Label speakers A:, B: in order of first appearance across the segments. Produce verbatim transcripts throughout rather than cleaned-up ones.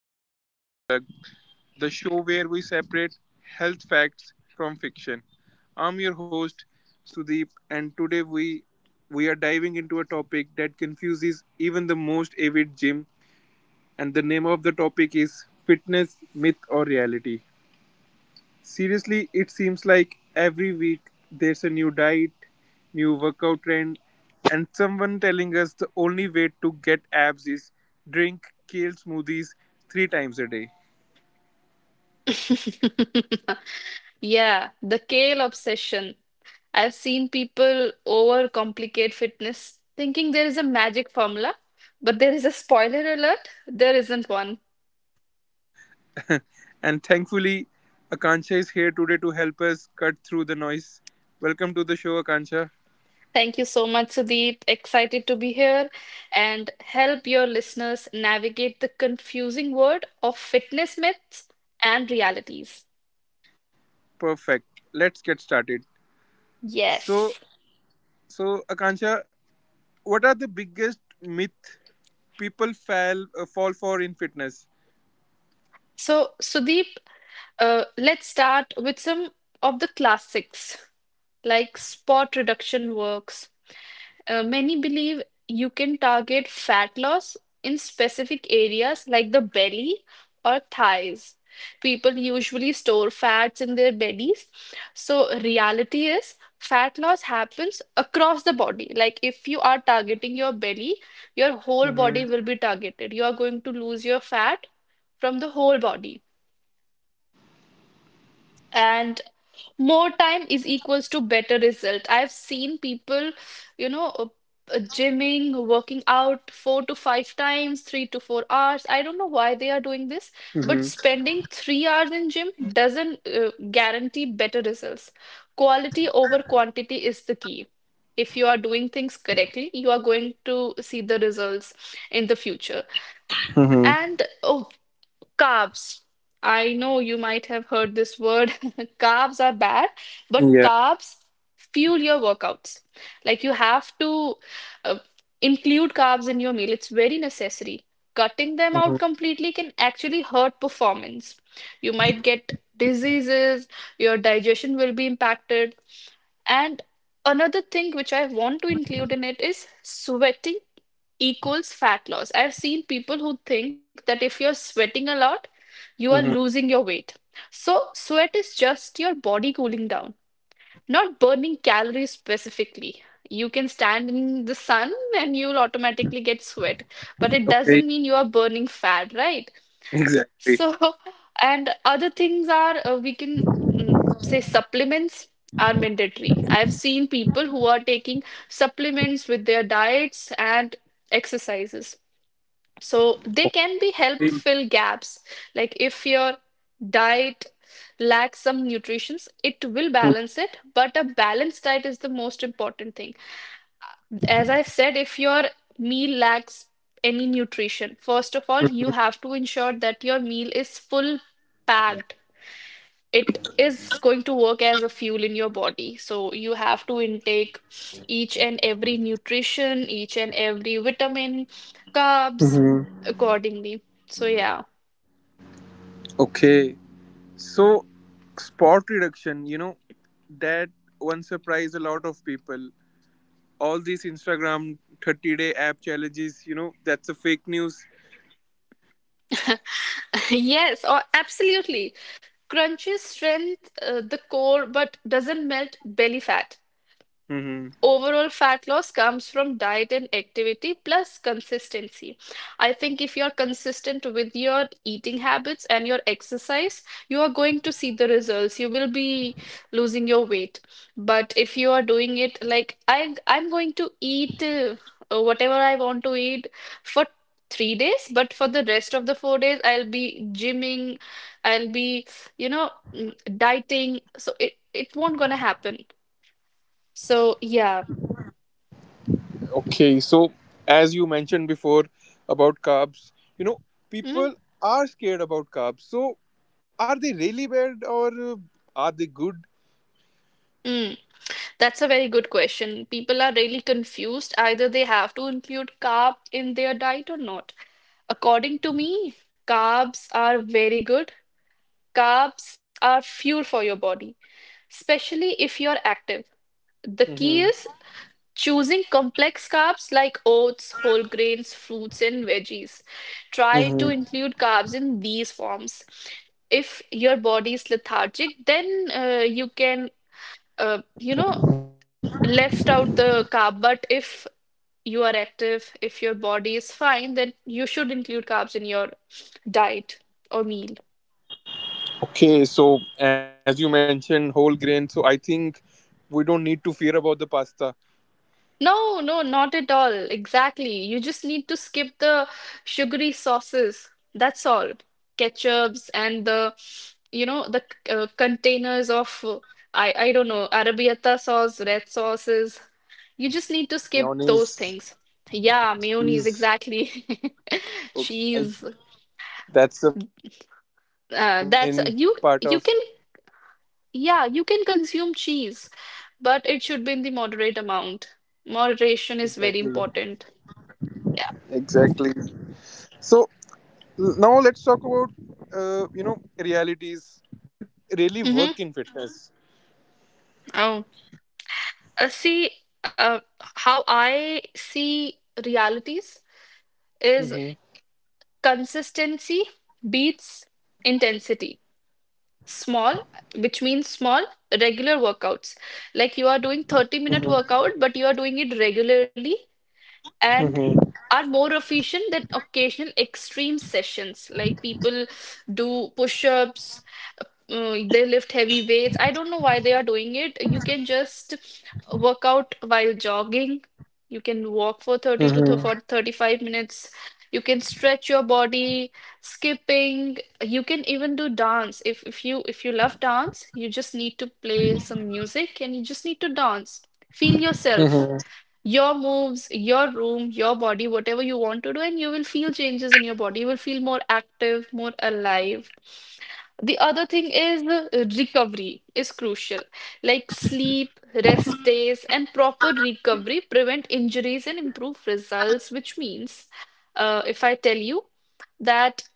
A: to Health Unplugged, the show where we separate health facts from fiction. I'm your host, Sudeep, and today we we are diving into a topic that confuses even the most avid gym. And the name of the topic is fitness myth or reality. Seriously, it seems like every week there's a new diet, new workout trend, and someone telling us the only way to get abs is drink kale smoothies three times a day.
B: Yeah, the kale obsession. I've seen people overcomplicate fitness, thinking there is a magic formula, but there is a spoiler alert, there isn't one.
A: And thankfully, Akansha is here today to help us cut through the noise. Welcome to the show, Akansha.
B: Thank you so much, Sudeep. Excited to be here and help your listeners navigate the confusing world of fitness myths and realities.
A: Perfect. Let's get started. So,
B: Yes.
A: so Akansha, what are the biggest myth people fall uh, fall for in fitness?
B: So, Sudeep, uh, let's start with some of the classics. Like spot reduction works. Uh, many believe you can target fat loss in specific areas like the belly or thighs. People usually store fats in their bellies. So, reality is fat loss happens across the body. Like, if you are targeting your belly, your whole body
A: Mm-hmm.
B: will be targeted. You are going to lose your fat from the whole body. And. More time is equals to better result. I've seen people, you know, uh, uh, gymming, working out four to five times, three to four hours. I don't know why they are doing this, but spending
A: Mm-hmm.
B: three hours in gym doesn't uh, guarantee better results. Quality over quantity is the key. If you are doing things correctly, you are going to see the results in the future.
A: Mm-hmm.
B: And oh, carbs. I know you might have heard this word. Carbs are bad, but carbs fuel your workouts. Like you have to uh, include carbs in your meal, it's very necessary. Cutting them
A: Mhm,
B: out completely can actually hurt performance. You might get diseases, your digestion will be impacted. And another thing which I want to include in it is sweating equals fat loss. I've seen people who think that if you're sweating a lot, you are
A: mhm.
B: losing your weight. So, sweat is just your body cooling down, not burning calories specifically. You can stand in the sun and you'll automatically get sweat, but it doesn't
A: Okay,
B: mean you are burning fat, right?
A: exactly.
B: So, and other things are uh, we can mm, say supplements are mandatory. I've seen people who are taking supplements with their diets and exercises. So they can be help
A: Mhm,
B: fill gaps. Like if your diet lacks some nutrients, it will balance it, but a balanced diet is the most important thing. As I've said, if your meal lacks any nutrition, first of all, you
A: mhm,
B: have to ensure that your meal is full packed it is going to work as a fuel in your body. So you have to intake each and every nutrition, each and every vitamin, carbs
A: mhm.
B: accordingly. So yeah.
A: Okay, so spot reduction, you know, that one surprised a lot of people. All these Instagram thirty day app challenges, you know, that's a fake news.
B: Yes, or absolutely. Crunches strength uh, the core but doesn't melt belly fat.
A: Hmm.
B: Overall, fat loss comes from diet and activity plus consistency. I think if you're consistent with your eating habits and your exercise, you are going to see the results. You will be losing your weight. But if you are doing it like I, I'm going to eat uh, uh, whatever I want to eat for three days, but for the rest of the four days, I'll be gymming, I'll be, you know, mm, dieting. So it, it won't gonna happen. So yeah.
A: Okay, so as you mentioned before about carbs, you know,
B: Mm.
A: people are scared about carbs. So are they really bad or uh, are they good?
B: Mm, that's a very good question. People are really confused. Either they have to include carb in their diet or not. According to me, carbs are very good. Carbs are fuel for your body, especially if you're active. The key is
A: Hmm.
B: choosing complex carbs like oats, whole grains, fruits, and veggies. Try to include carbs in these forms. If your body is lethargic, then uh, you can, uh, you know. left out the carb, but if you are active, if your body is fine, then you should include carbs in your diet or meal.
A: Okay, so as you mentioned, whole grain. So I think we don't need to fear about the pasta.
B: No, no, not at all. Exactly. You just need to skip the sugary sauces. That's all. Ketchups and the, you know, the uh, containers of, uh, I, I don't know, arabiata sauce, red sauces. You just need to skip those
A: Mayonnaise,
B: things. Yeah, mayonnaise,
A: cheese.
B: exactly.
A: Okay, I,
B: Cheese.
A: that's the main part of.
B: Uh, that's you you can yeah, you can consume cheese, but it should be in the moderate amount. Moderation is very
A: Exactly,
B: important. Yeah.
A: exactly. So l- now let's talk about uh, you know realities. What really
B: Mm-hmm.
A: work in fitness?
B: Oh, uh, see, uh, how I see realities is
A: Mm-hmm.
B: consistency beats intensity. Small, which means small, regular workouts. Like you are doing thirty minute workout, but you are doing it regularly and
A: Mm-hmm.
B: are more efficient than occasional extreme sessions. Like people do push-ups, uh, they lift heavy weights. I don't know why they are doing it. You can just work out while jogging, you can walk for
A: Mm-hmm.
B: thirty to th- for thirty-five minutes, you can stretch your body, skipping. You can even do dance. If if you if you love dance, you just need to play some music and you just need to dance, feel
A: Mm-hmm.
B: yourself, your moves, your room, your body, whatever you want to do, and you will feel changes in your body. You will feel more active, more alive. The other thing is uh, recovery is crucial. Like sleep, rest days, and proper recovery prevent injuries and improve results, which means, uh, if I tell you, that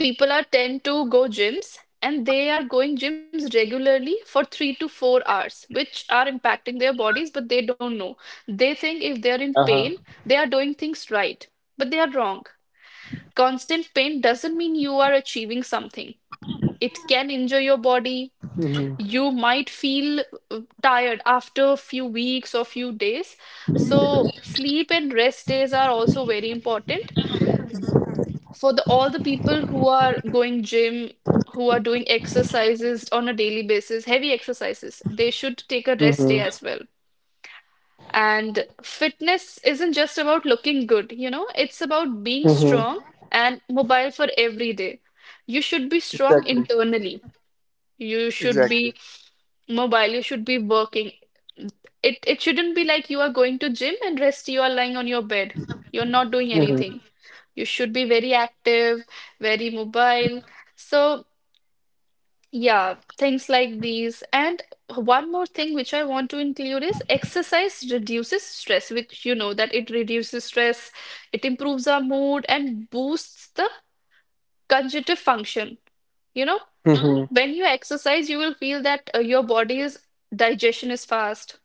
B: people are tend to go gyms and they are going gyms regularly for three to four hours which are impacting their bodies, but they don't know. They think if they're in
A: Uh-huh.
B: pain they are doing things right, but they are wrong. Constant pain doesn't mean you are achieving something, it can injure your body. You might feel uh, tired after a few weeks or few days. So sleep and rest days are also very important for the all the people who are going gym, who are doing exercises on a daily basis, heavy exercises, they should take a rest day
A: Mm-hmm.
B: as well. And fitness isn't just about looking good, you know, it's about being
A: Mm-hmm.
B: strong and mobile for every day. You should be strong
A: Exactly.
B: internally. You should
A: Exactly.
B: be mobile, you should be working. It it shouldn't be like you are going to gym and rest you are lying on your bed. You're not doing anything. You should be very active, very mobile. So, yeah, things like these. And one more thing which I want to include is exercise reduces stress, which you know that it reduces stress, it improves our mood and boosts the conjunctive function. You know,
A: Mm-hmm.
B: when you exercise, you will feel that uh, your body's digestion is fast,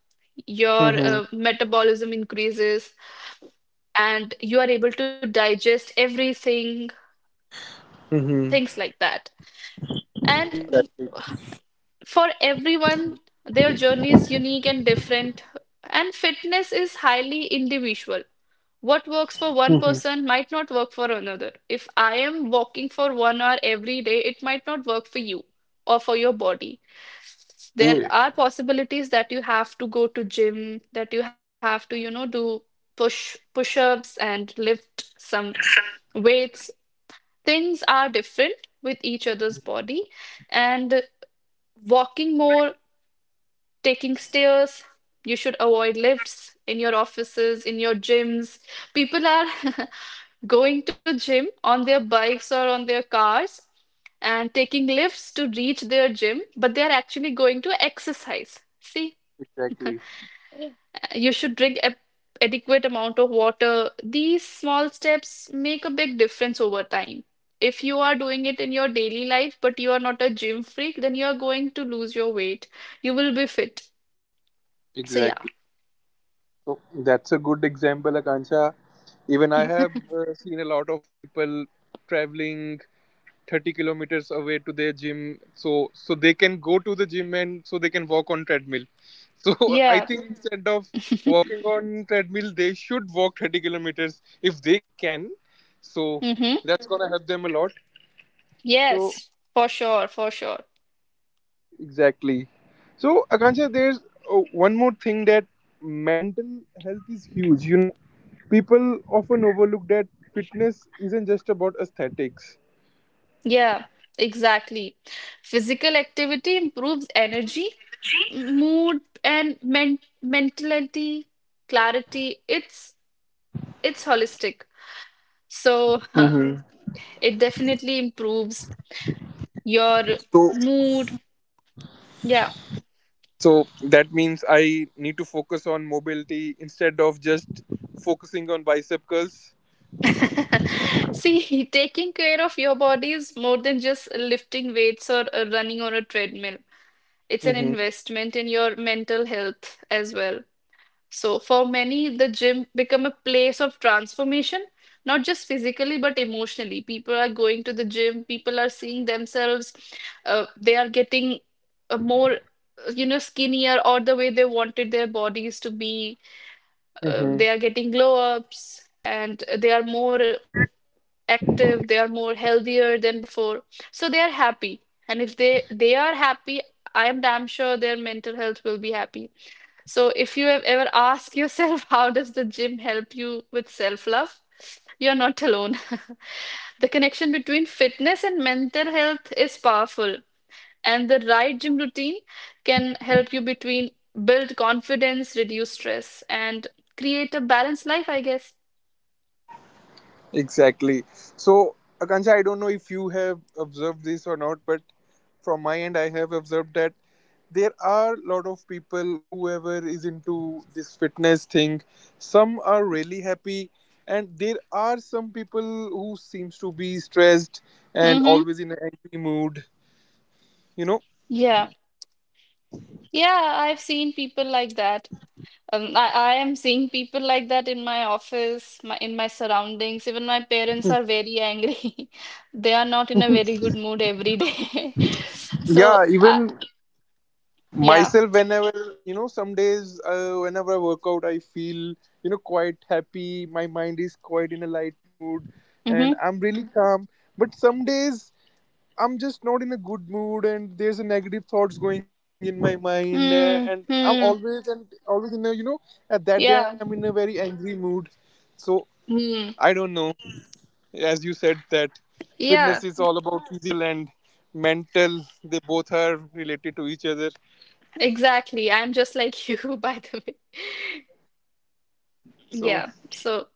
B: your
A: Mm-hmm.
B: uh, metabolism increases, and you are able to digest everything, things
A: Mm-hmm.
B: like that. And for everyone, their journey is unique and different, and fitness is highly individual. What works for one person might not work for another. If I am walking for one hour every day, it might not work for you or for your body. There
A: Hey.
B: are possibilities that you have to go to gym, that you have to, you know, do push push-ups and lift some weights. Things are different with each other's body, and walking more, taking stairs. You should avoid lifts in your offices, in your gyms. People are going to gym on their bikes or on their cars and taking lifts to reach their gym, but they are actually going to exercise. See,
A: Exactly.
B: you should drink a adequate amount of water. These small steps make a big difference over time. If you are doing it in your daily life, but you are not a gym freak, then you are going to lose your weight. You will be fit. So yeah.
A: Exactly. So that's a good example, Akansha. Even I have uh, seen a lot of people traveling thirty kilometers away to their gym, so so they can go to the gym and so they can walk on treadmill. So I
B: Yeah.
A: think instead of walking on treadmill, they should walk thirty kilometers if they can. So
B: Mm-hmm.
A: that's gonna help them a lot. So
B: Yes, for sure, for sure.
A: exactly. So Akansha, there's uh, one more thing that mental health is huge. You know, People often overlook that fitness isn't just about aesthetics.
B: Yeah, exactly. Physical activity improves energy, m- mood, and men mentality, clarity. It's it's holistic. So
A: Mm-hmm.
B: it definitely improves your
A: So,
B: mood. Yeah.
A: so that means I need to focus on mobility instead of just focusing on bicep curls.
B: See, taking care of your body is more than just lifting weights or uh, running on a treadmill. It's an investment in your mental health as well. So for many, the gym become a place of transformation, not just physically but emotionally. People are going to the gym, people are seeing themselves, uh, they are getting uh, more, uh, you know, skinnier or the way they wanted their bodies to be. Uh,
A: Mm-hmm.
B: they are getting glow ups and they are more active, they are more healthier than before. So they are happy. And if they they are happy, I am damn sure their mental health will be happy. So if you have ever asked yourself, how does the gym help you with self-love? You're not alone. The connection between fitness and mental health is powerful, and the right gym routine can help you between build confidence, reduce stress, and create a balanced life, I guess.
A: Exactly. So, Akansha, I don't know if you have observed this or not, but from my end, I have observed that there are a lot of people, whoever is into this fitness thing, some are really happy, and there are some people who seems to be stressed and
B: Mm-hmm.
A: always in an angry mood. You know?
B: Yeah. Yeah, I've seen people like that. Um, I, I am seeing people like that in my office, my, in my surroundings. Even my parents are very angry. They are not in a very good mood every day.
A: Yeah.
B: So, uh,
A: Even
B: yeah.
A: myself, whenever, you know some days, uh, whenever I work out, I feel, you know quite happy, my mind is quite in a light mood, and
B: Mm-hmm.
A: I'm really calm. But some days I'm just not in a good mood, and there's a negative thoughts going in my mind, uh, and I'm always
B: Mm-hmm.
A: and always in a, you know at that day I'm in a
B: Yeah.
A: very angry mood. So I
B: Mm.
A: don't know, as you said that fitness is
B: Yeah,
A: all about physical and mental, they both are related to each other.
B: exactly. I'm just like you, by the way.
A: So
B: Yeah. So.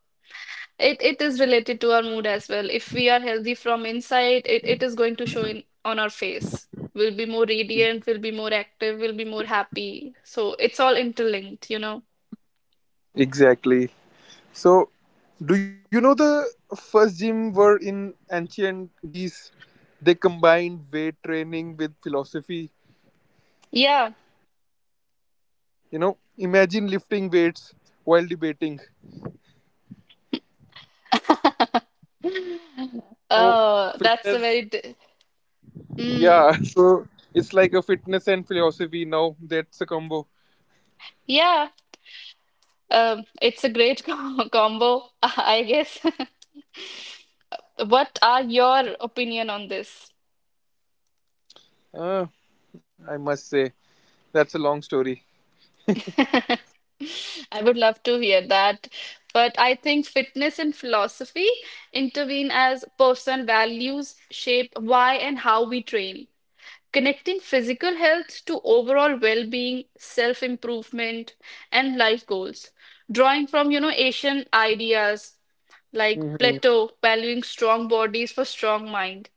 B: It it is related to our mood as well. If we are healthy from inside, it, it is going to show in on our face. We'll be more radiant, we'll be more active, we'll be more happy. So it's all interlinked, you know.
A: exactly. So, do you know the first gym were in ancient Greece? They combined weight training with philosophy.
B: Yeah.
A: You know, imagine lifting weights while debating. So,
B: Uh, that's a
A: fitness,
B: very d Mm,
A: yeah. So, it's like a fitness and philosophy now. That's a combo.
B: yeah. Um, it's a great com combo, I guess. What are your opinion on this?
A: Uh, I must say, that's a long story.
B: I would love to hear that. But I think fitness and philosophy intervene as personal values shape why and how we train. Connecting physical health to overall well being, self improvement, and life goals. Drawing from, you know, Asian ideas like
A: Hmm.
B: Plato, valuing strong bodies for strong mind,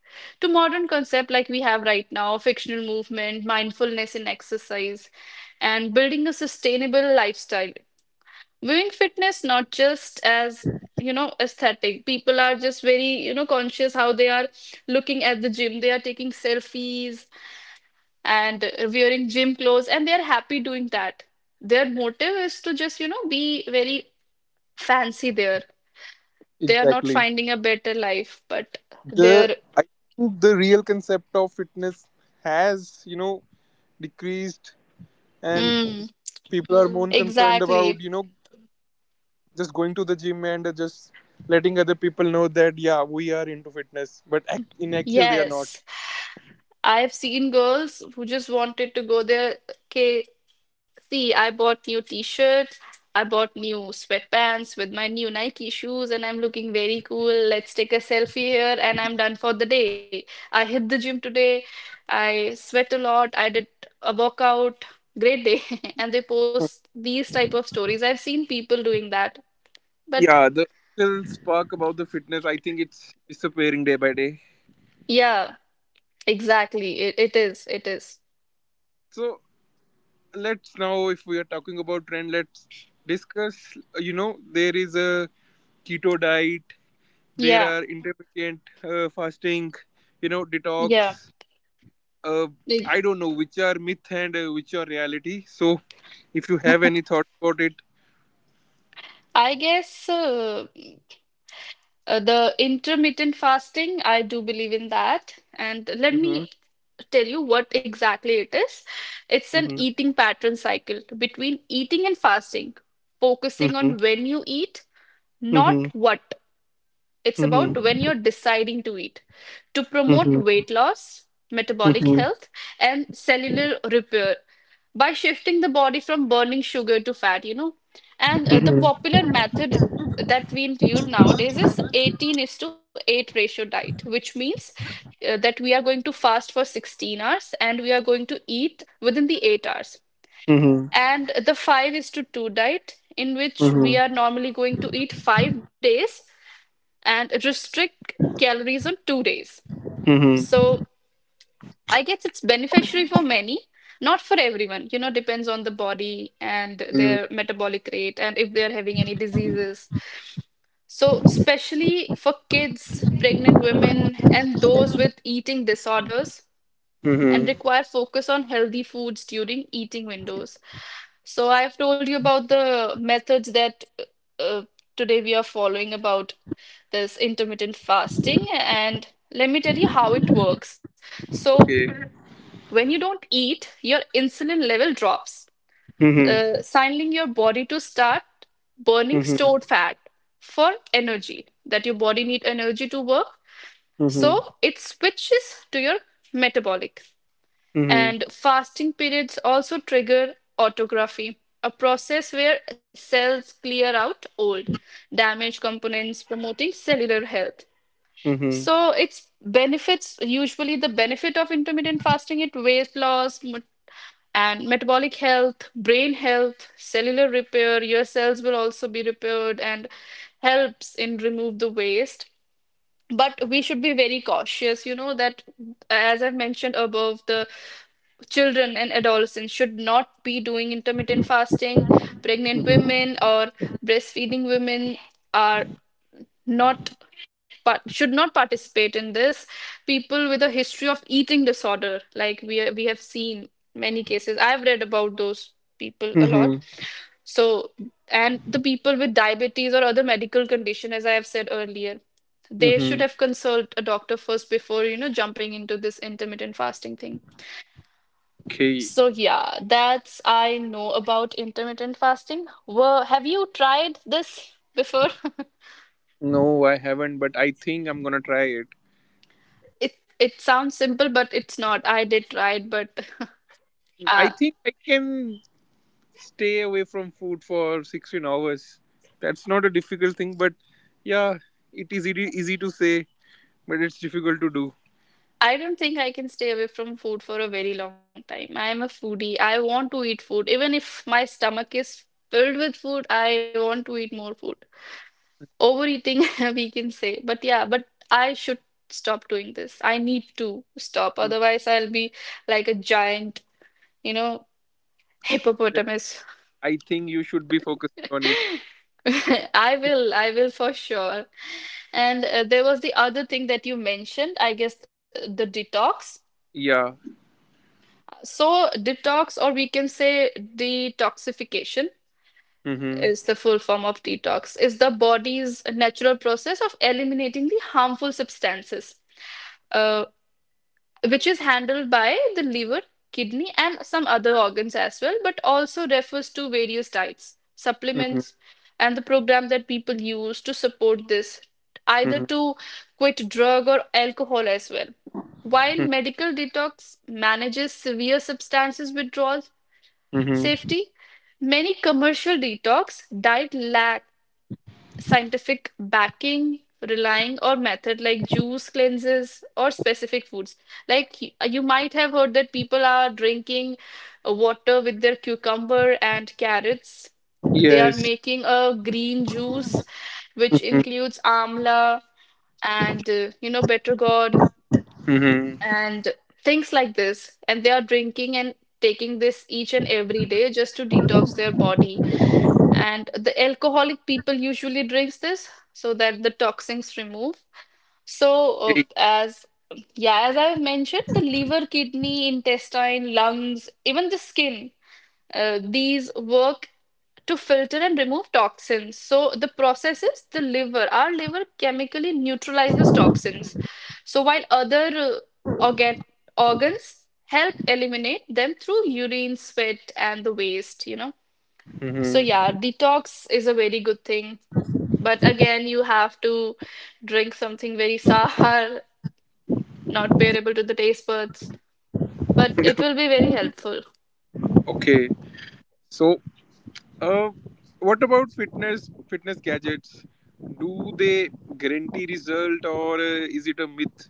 B: to modern concept like we have right now, fictional movement, mindfulness in exercise, and building a sustainable lifestyle, viewing fitness not just as you know aesthetic. People are just very you know conscious how they are looking at the gym. They are taking selfies and uh, wearing gym clothes, and they're happy doing that. Their motive is to just you know be very fancy there. They are not
A: Exactly.
B: finding a better life, but
A: The
B: they're
A: I think the real concept of fitness has, you know, decreased,
B: mm,
A: and people are more concerned about
B: exactly.
A: you know just going to the gym and just letting other people know that yeah we are into fitness, but ac- in actual they are not.
B: Yes, I've seen girls who just wanted to go there. Okay, see, I bought new t shirt. I bought new sweatpants with my new Nike shoes, and I'm looking very cool. Let's take a selfie here, and I'm done for the day. I hit the gym today. I sweat a lot. I did a workout. Great day. And they post these type of stories. I've seen people doing that. But
A: Yeah, the actual spark about the fitness, I think it's disappearing day by day.
B: yeah, exactly. It, it is. It is.
A: So let's now, if we are talking about trend, let's discuss, you know there is a keto diet, there
B: Yeah.
A: are intermittent uh, fasting, you know
B: Yeah.
A: detox, uh, I
B: Like,
A: don't know which are myth and uh, which are reality. So, if you have any thoughts about it.
B: I guess. Uh, Uh, the intermittent fasting, I do believe in that. And let
A: Mm-hmm.
B: me tell you what exactly it is. It's an
A: Mm-hmm.
B: eating pattern cycle between eating and fasting, focusing
A: Mm-hmm.
B: on when you eat, not
A: Mm-hmm.
B: what. It's about when
A: Mm-hmm.
B: you're deciding to eat to promote weight loss, metabolic
A: Mm-hmm.
B: health, and cellular repair by shifting the body from burning sugar to fat, you know. And uh, the popular method that we include nowadays is eighteen is to eight ratio diet, which means uh, that we are going to fast for sixteen hours and we are going to eat within the eight hours.
A: Mm-hmm.
B: And the five is to two diet, in which we are normally going to eat five days and restrict calories on two days.
A: Mm-hmm.
B: So I guess it's beneficiary for many, not for everyone. You know, depends on the body and
A: Mm-hmm.
B: their metabolic rate and if they're having any diseases. So, especially for kids, pregnant women, and those with eating disorders, and
A: Mm-hmm.
B: require focus on healthy foods during eating windows. So I've told you about the methods that uh, uh, today we are following about this intermittent fasting, and let me tell you how it works. So
A: Okay.
B: when you don't eat, your insulin level drops, uh,
A: Mm-hmm.
B: signaling your body to start burning
A: Mm-hmm.
B: stored fat for energy, that your body need energy to work.
A: Mm-hmm.
B: So it switches to your metabolic.
A: Mm-hmm.
B: And fasting periods also trigger autography, a process where cells clear out old, damaged components, promoting cellular health. So its benefits, usually the benefit of intermittent fasting, it weight loss mo- and metabolic health, brain health, cellular repair. Your cells will also be repaired and helps in remove the waste, but we should be very cautious, you know, that as I've mentioned above, the children and adolescents should not be doing intermittent fasting. Pregnant
A: Mm-hmm.
B: women or breastfeeding women are not, but should not participate in this. People with a history of eating disorder, like we we have seen many cases. I've read about those people a lot.
A: Mm-hmm.
B: So, and the people with diabetes or other medical condition, as I have said earlier, they
A: Mm-hmm.
B: should have consult a doctor first before, you know, jumping into this intermittent fasting thing.
A: Okay.
B: So yeah, that's I know about intermittent fasting. Well, have you tried this before?
A: No, I haven't, but I think I'm gonna try it.
B: It it sounds simple, but it's not. I did try it, but
A: I
B: uh,
A: think I can stay away from food for sixteen hours. That's not a difficult thing, but yeah, it is easy, easy to say, but it's difficult to do.
B: I don't think I can stay away from food for a very long time. I am a foodie. I want to eat food. Even if my stomach is filled with food, I want to eat more food. Overeating, we can say. But yeah, but I should stop doing this. I need to stop. Otherwise, I'll be like a giant, you know,
A: Then
B: hippopotamus.
A: I think you should be focusing on it.
B: I will, I will for sure. And uh, there was the other thing that you mentioned, I guess the detox.
A: Yeah.
B: So, detox, or we can say detoxification,
A: Mm-hmm.
B: is the full form of detox, is the body's natural process of eliminating the harmful substances, uh, which is handled by the liver, kidney, and some other organs as well, but also refers to various diets,
A: Mm-hmm.
B: supplements, and the program that people use to support this, either
A: Mm-hmm.
B: to quit drug or alcohol as well. While medical detox manages severe substances withdrawals.
A: Mm-hmm.
B: Safety. Many commercial detox diet lack scientific backing, relying on method like juice cleanses or specific foods. Like y- you might have heard that people are drinking uh, water with their cucumber and carrots. They are
A: Yes.
B: making a green juice, which includes amla and uh, you know, bitter gourd
A: Mm-hmm.
B: and things like this, and they are drinking and taking this each and every day just to detox their body. And the alcoholic people usually drinks this so that the toxins remove. So uh,
A: Hey.
B: as, yeah, as I've mentioned, the liver, kidney, intestine, lungs, even the skin, uh, these work to filter and remove toxins. So the process is the liver. Our liver chemically neutralizes toxins. So while other uh, organ organs help eliminate them through urine, sweat, and the waste, you know. So yeah,
A: Mm-hmm.
B: detox is a very good thing. But again, you have to drink something very sour, not bearable to the taste buds. But it will be very helpful.
A: Okay. So, uh, what about fitness fitness gadgets? Do they guarantee result or uh, is it a myth?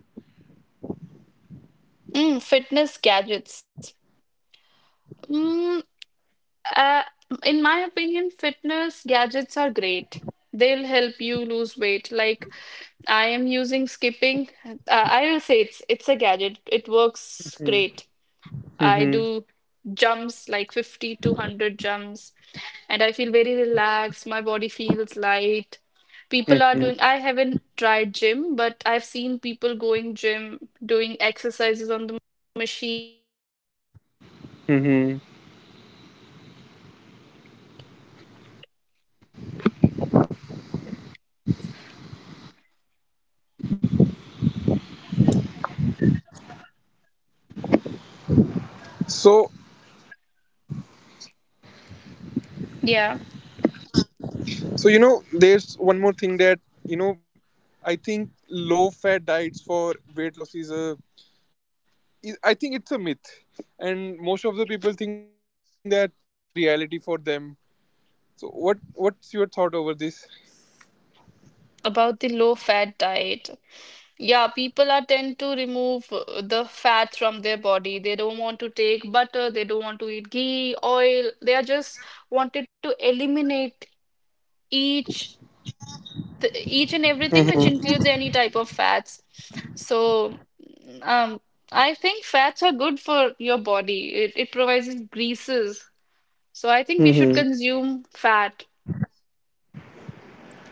B: Mm, fitness gadgets. Mm, Uh, in my opinion, fitness gadgets are great. They'll help you lose weight. Like I am using skipping. Uh, I will say it's it's a gadget. It works great. I
A: Mm-hmm.
B: do jumps like fifty to one hundred jumps and I feel very relaxed. My body feels light. People are doing, I
A: Mm-hmm.
B: haven't tried gym, but I've seen people going gym, doing exercises on the machine.
A: Mm-hmm. So,
C: Yeah,
A: So you know, there's one more thing that you know, I think low-fat diets for weight loss is a. is- I think it's a myth, and most of the people think that it is a reality for them. So what what's your thought over this?
C: about the low fat diet. Yeah, people are tend to remove uh, the fats from their body. They don't want to take butter, they don't want to eat ghee, oil. They are just wanted to eliminate each th- each and everything which includes any type of fats. So, um, I think fats are good for your body. It it provides greases. So I think we should
A: Hmm.
C: consume fat.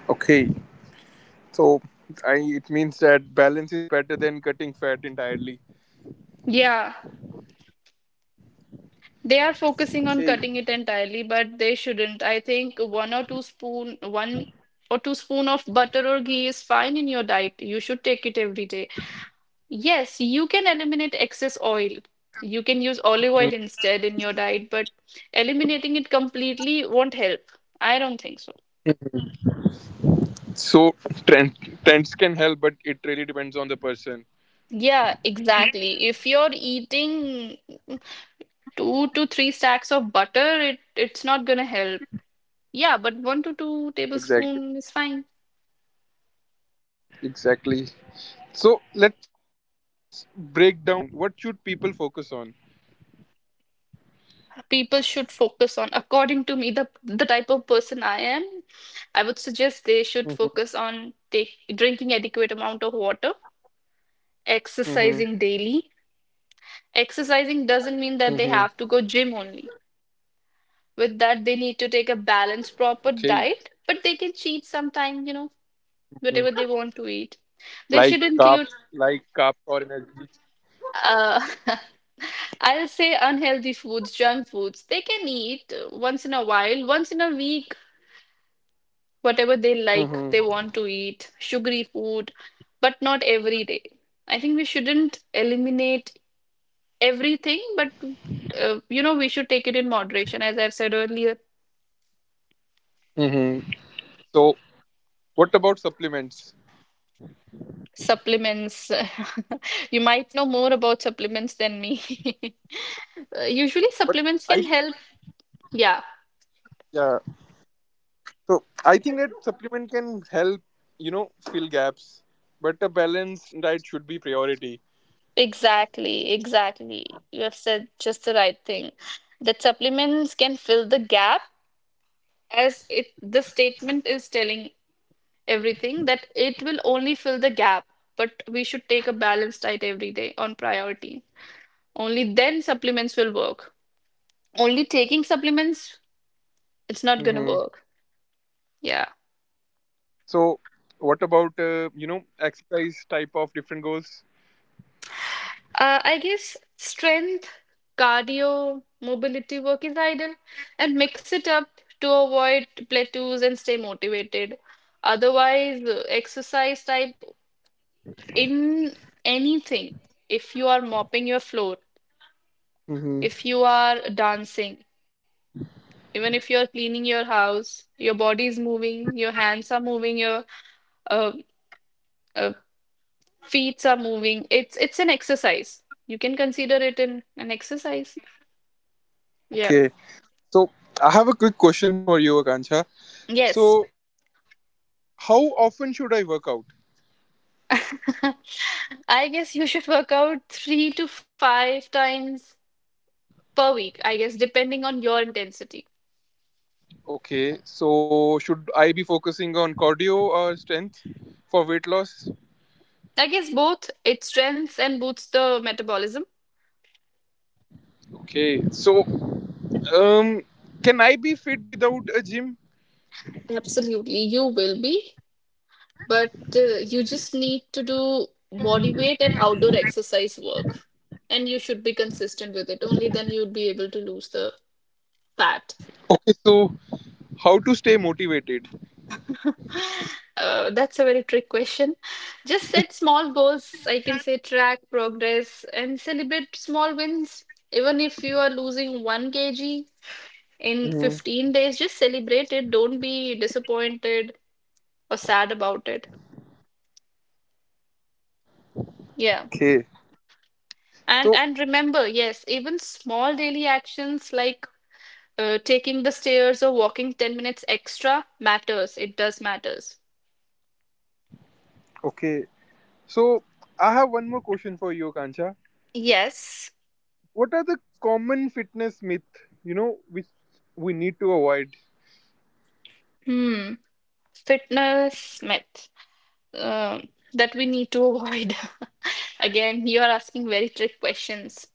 A: Okay, so I it means that balance is better than cutting fat entirely.
C: Yeah. They are focusing
A: Okay.
C: on cutting it entirely, but they shouldn't. I think one or two spoon, one or two spoon of butter or ghee is fine in your diet. You should take it every day. Yes, you can eliminate excess oil. You can use olive oil instead in your diet, but eliminating it completely won't help. I don't think so.
A: So trend, trends can help, but it really depends on the person.
C: Yeah, exactly. If you're eating two to three stacks of butter, it it's not gonna help. Yeah, but one to
A: Exactly.
C: two tablespoon is fine.
A: Exactly. So let's break down nutrition. What should people focus on?
C: People should focus on, according to me, the the type of person I am, I would suggest they should
A: Mm-hmm.
C: focus on take, drinking adequate amount of water,
A: Mm-hmm.
C: exercising daily. Exercising
A: Mm-hmm.
C: doesn't mean that they have to go gym only. With that they need to take a balanced proper
A: Okay.
C: diet, but they can cheat sometime you know
A: Mhm.
C: whatever they want to eat they
A: Like
C: should include
A: carbs, like carbs or energy.
C: uh, I'll say unhealthy foods, junk foods. They can eat uh, once in a while, once in a week, whatever they like,
A: Mm-hmm.
C: they want to eat, sugary food, but not every day. I think we shouldn't eliminate everything, but uh, you know, we should take it in moderation. As I've said earlier,
A: Mm-hmm. So what about supplements?
C: supplements. You might know more about supplements than me. Uh, Usually,
A: But
C: supplements
A: I
C: can help. Yeah,
A: yeah. So I think that supplement can help you know fill gaps, but a balanced diet should be priority.
C: exactly, exactly. You have said just the right thing. That supplements can fill the gap, as it the statement is telling everything, that it will only fill the gap, but we should take a balanced diet every day on priority. Only then supplements will work. Only taking supplements, it's not gonna
A: Mm-hmm.
C: work. Yeah.
A: So what about uh, you know exercise type of different goals?
C: uh, I guess strength, cardio, mobility work is ideal, and mix it up to avoid plateaus and stay motivated. Otherwise, uh, exercise type, in anything, if you are mopping your floor,
A: Mm-hmm.
C: if you are dancing, even if you're cleaning your house, your body's moving, your hands are moving, your uh, uh, feet are moving. It's it's an exercise. You can consider it in an exercise. Yeah.
A: Okay. So I have a quick questions for you, Akanksha.
C: Yes.
A: So how often should I work out?
C: I guess you should work out three to five times per week, I guess, depending on your intensity.
A: Okay, so should I be focusing on cardio or strength for weight loss?
C: I guess both, it strengthens and boosts the metabolism.
A: Okay, so um, can I be fit without a gym?
C: Absolutely, you will be. But uh, you just need to do body weight and outdoor exercise work. And you should be consistent with it. Only then you'll be able to lose the fat.
A: Okay, so how to stay motivated?
C: Uh, that's a very trick question. Just set small goals. I can say track progress and celebrate small wins. Even if you are losing one kilogram in
A: Mhm.
C: fifteen days, just celebrate it. Don't be disappointed or sad about it. Yeah.
A: Okay,
C: And
A: so
C: and remember, yes, even small daily actions like Uh, taking the stairs or walking ten minutes extra matters. It does matters.
A: okay, so I have one more question for you, Kancha.
C: Yes.
A: What are the common fitness myth you know which we need to avoid?
C: Hmm. Fitness myth, um, that we need to avoid. Again, you are asking very trick questions.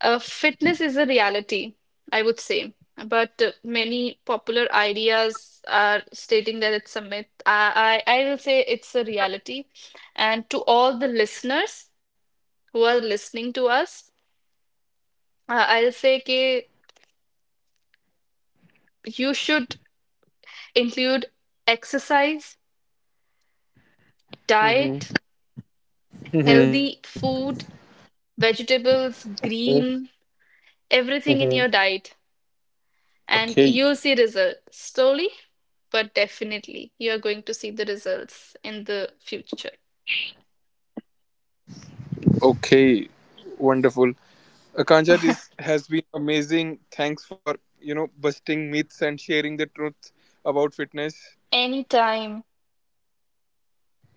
C: Uh, fitness is a reality, I would say, but uh, many popular ideas are stating that it's a myth. I, I, I will say it's a reality. And to all the listeners who are listening to us, uh, I'll say that you should include exercise, diet, healthy
A: Mm-hmm.
C: food, vegetables,
A: Mm-hmm.
C: green, everything in your diet, and
A: Okay,
C: you'll see result slowly, but definitely you are going to see the results in the future.
A: okay, wonderful. Akanksha, this has been amazing. Thanks for you know busting myths and sharing the truth about fitness.
C: Anytime,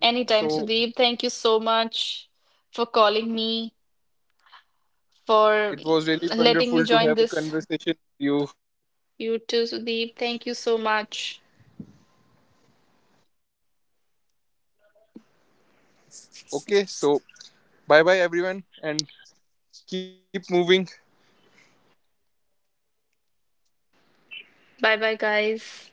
C: anytime,
A: So
C: Sudeep. Thank you so much for calling me, for
A: it was really
C: letting me
A: wonderful to
C: join
A: have a
C: this.
A: conversation with you.
C: You too, Sudeep. Thank you so much.
A: Okay, so bye bye everyone and keep moving.
C: Bye bye, guys.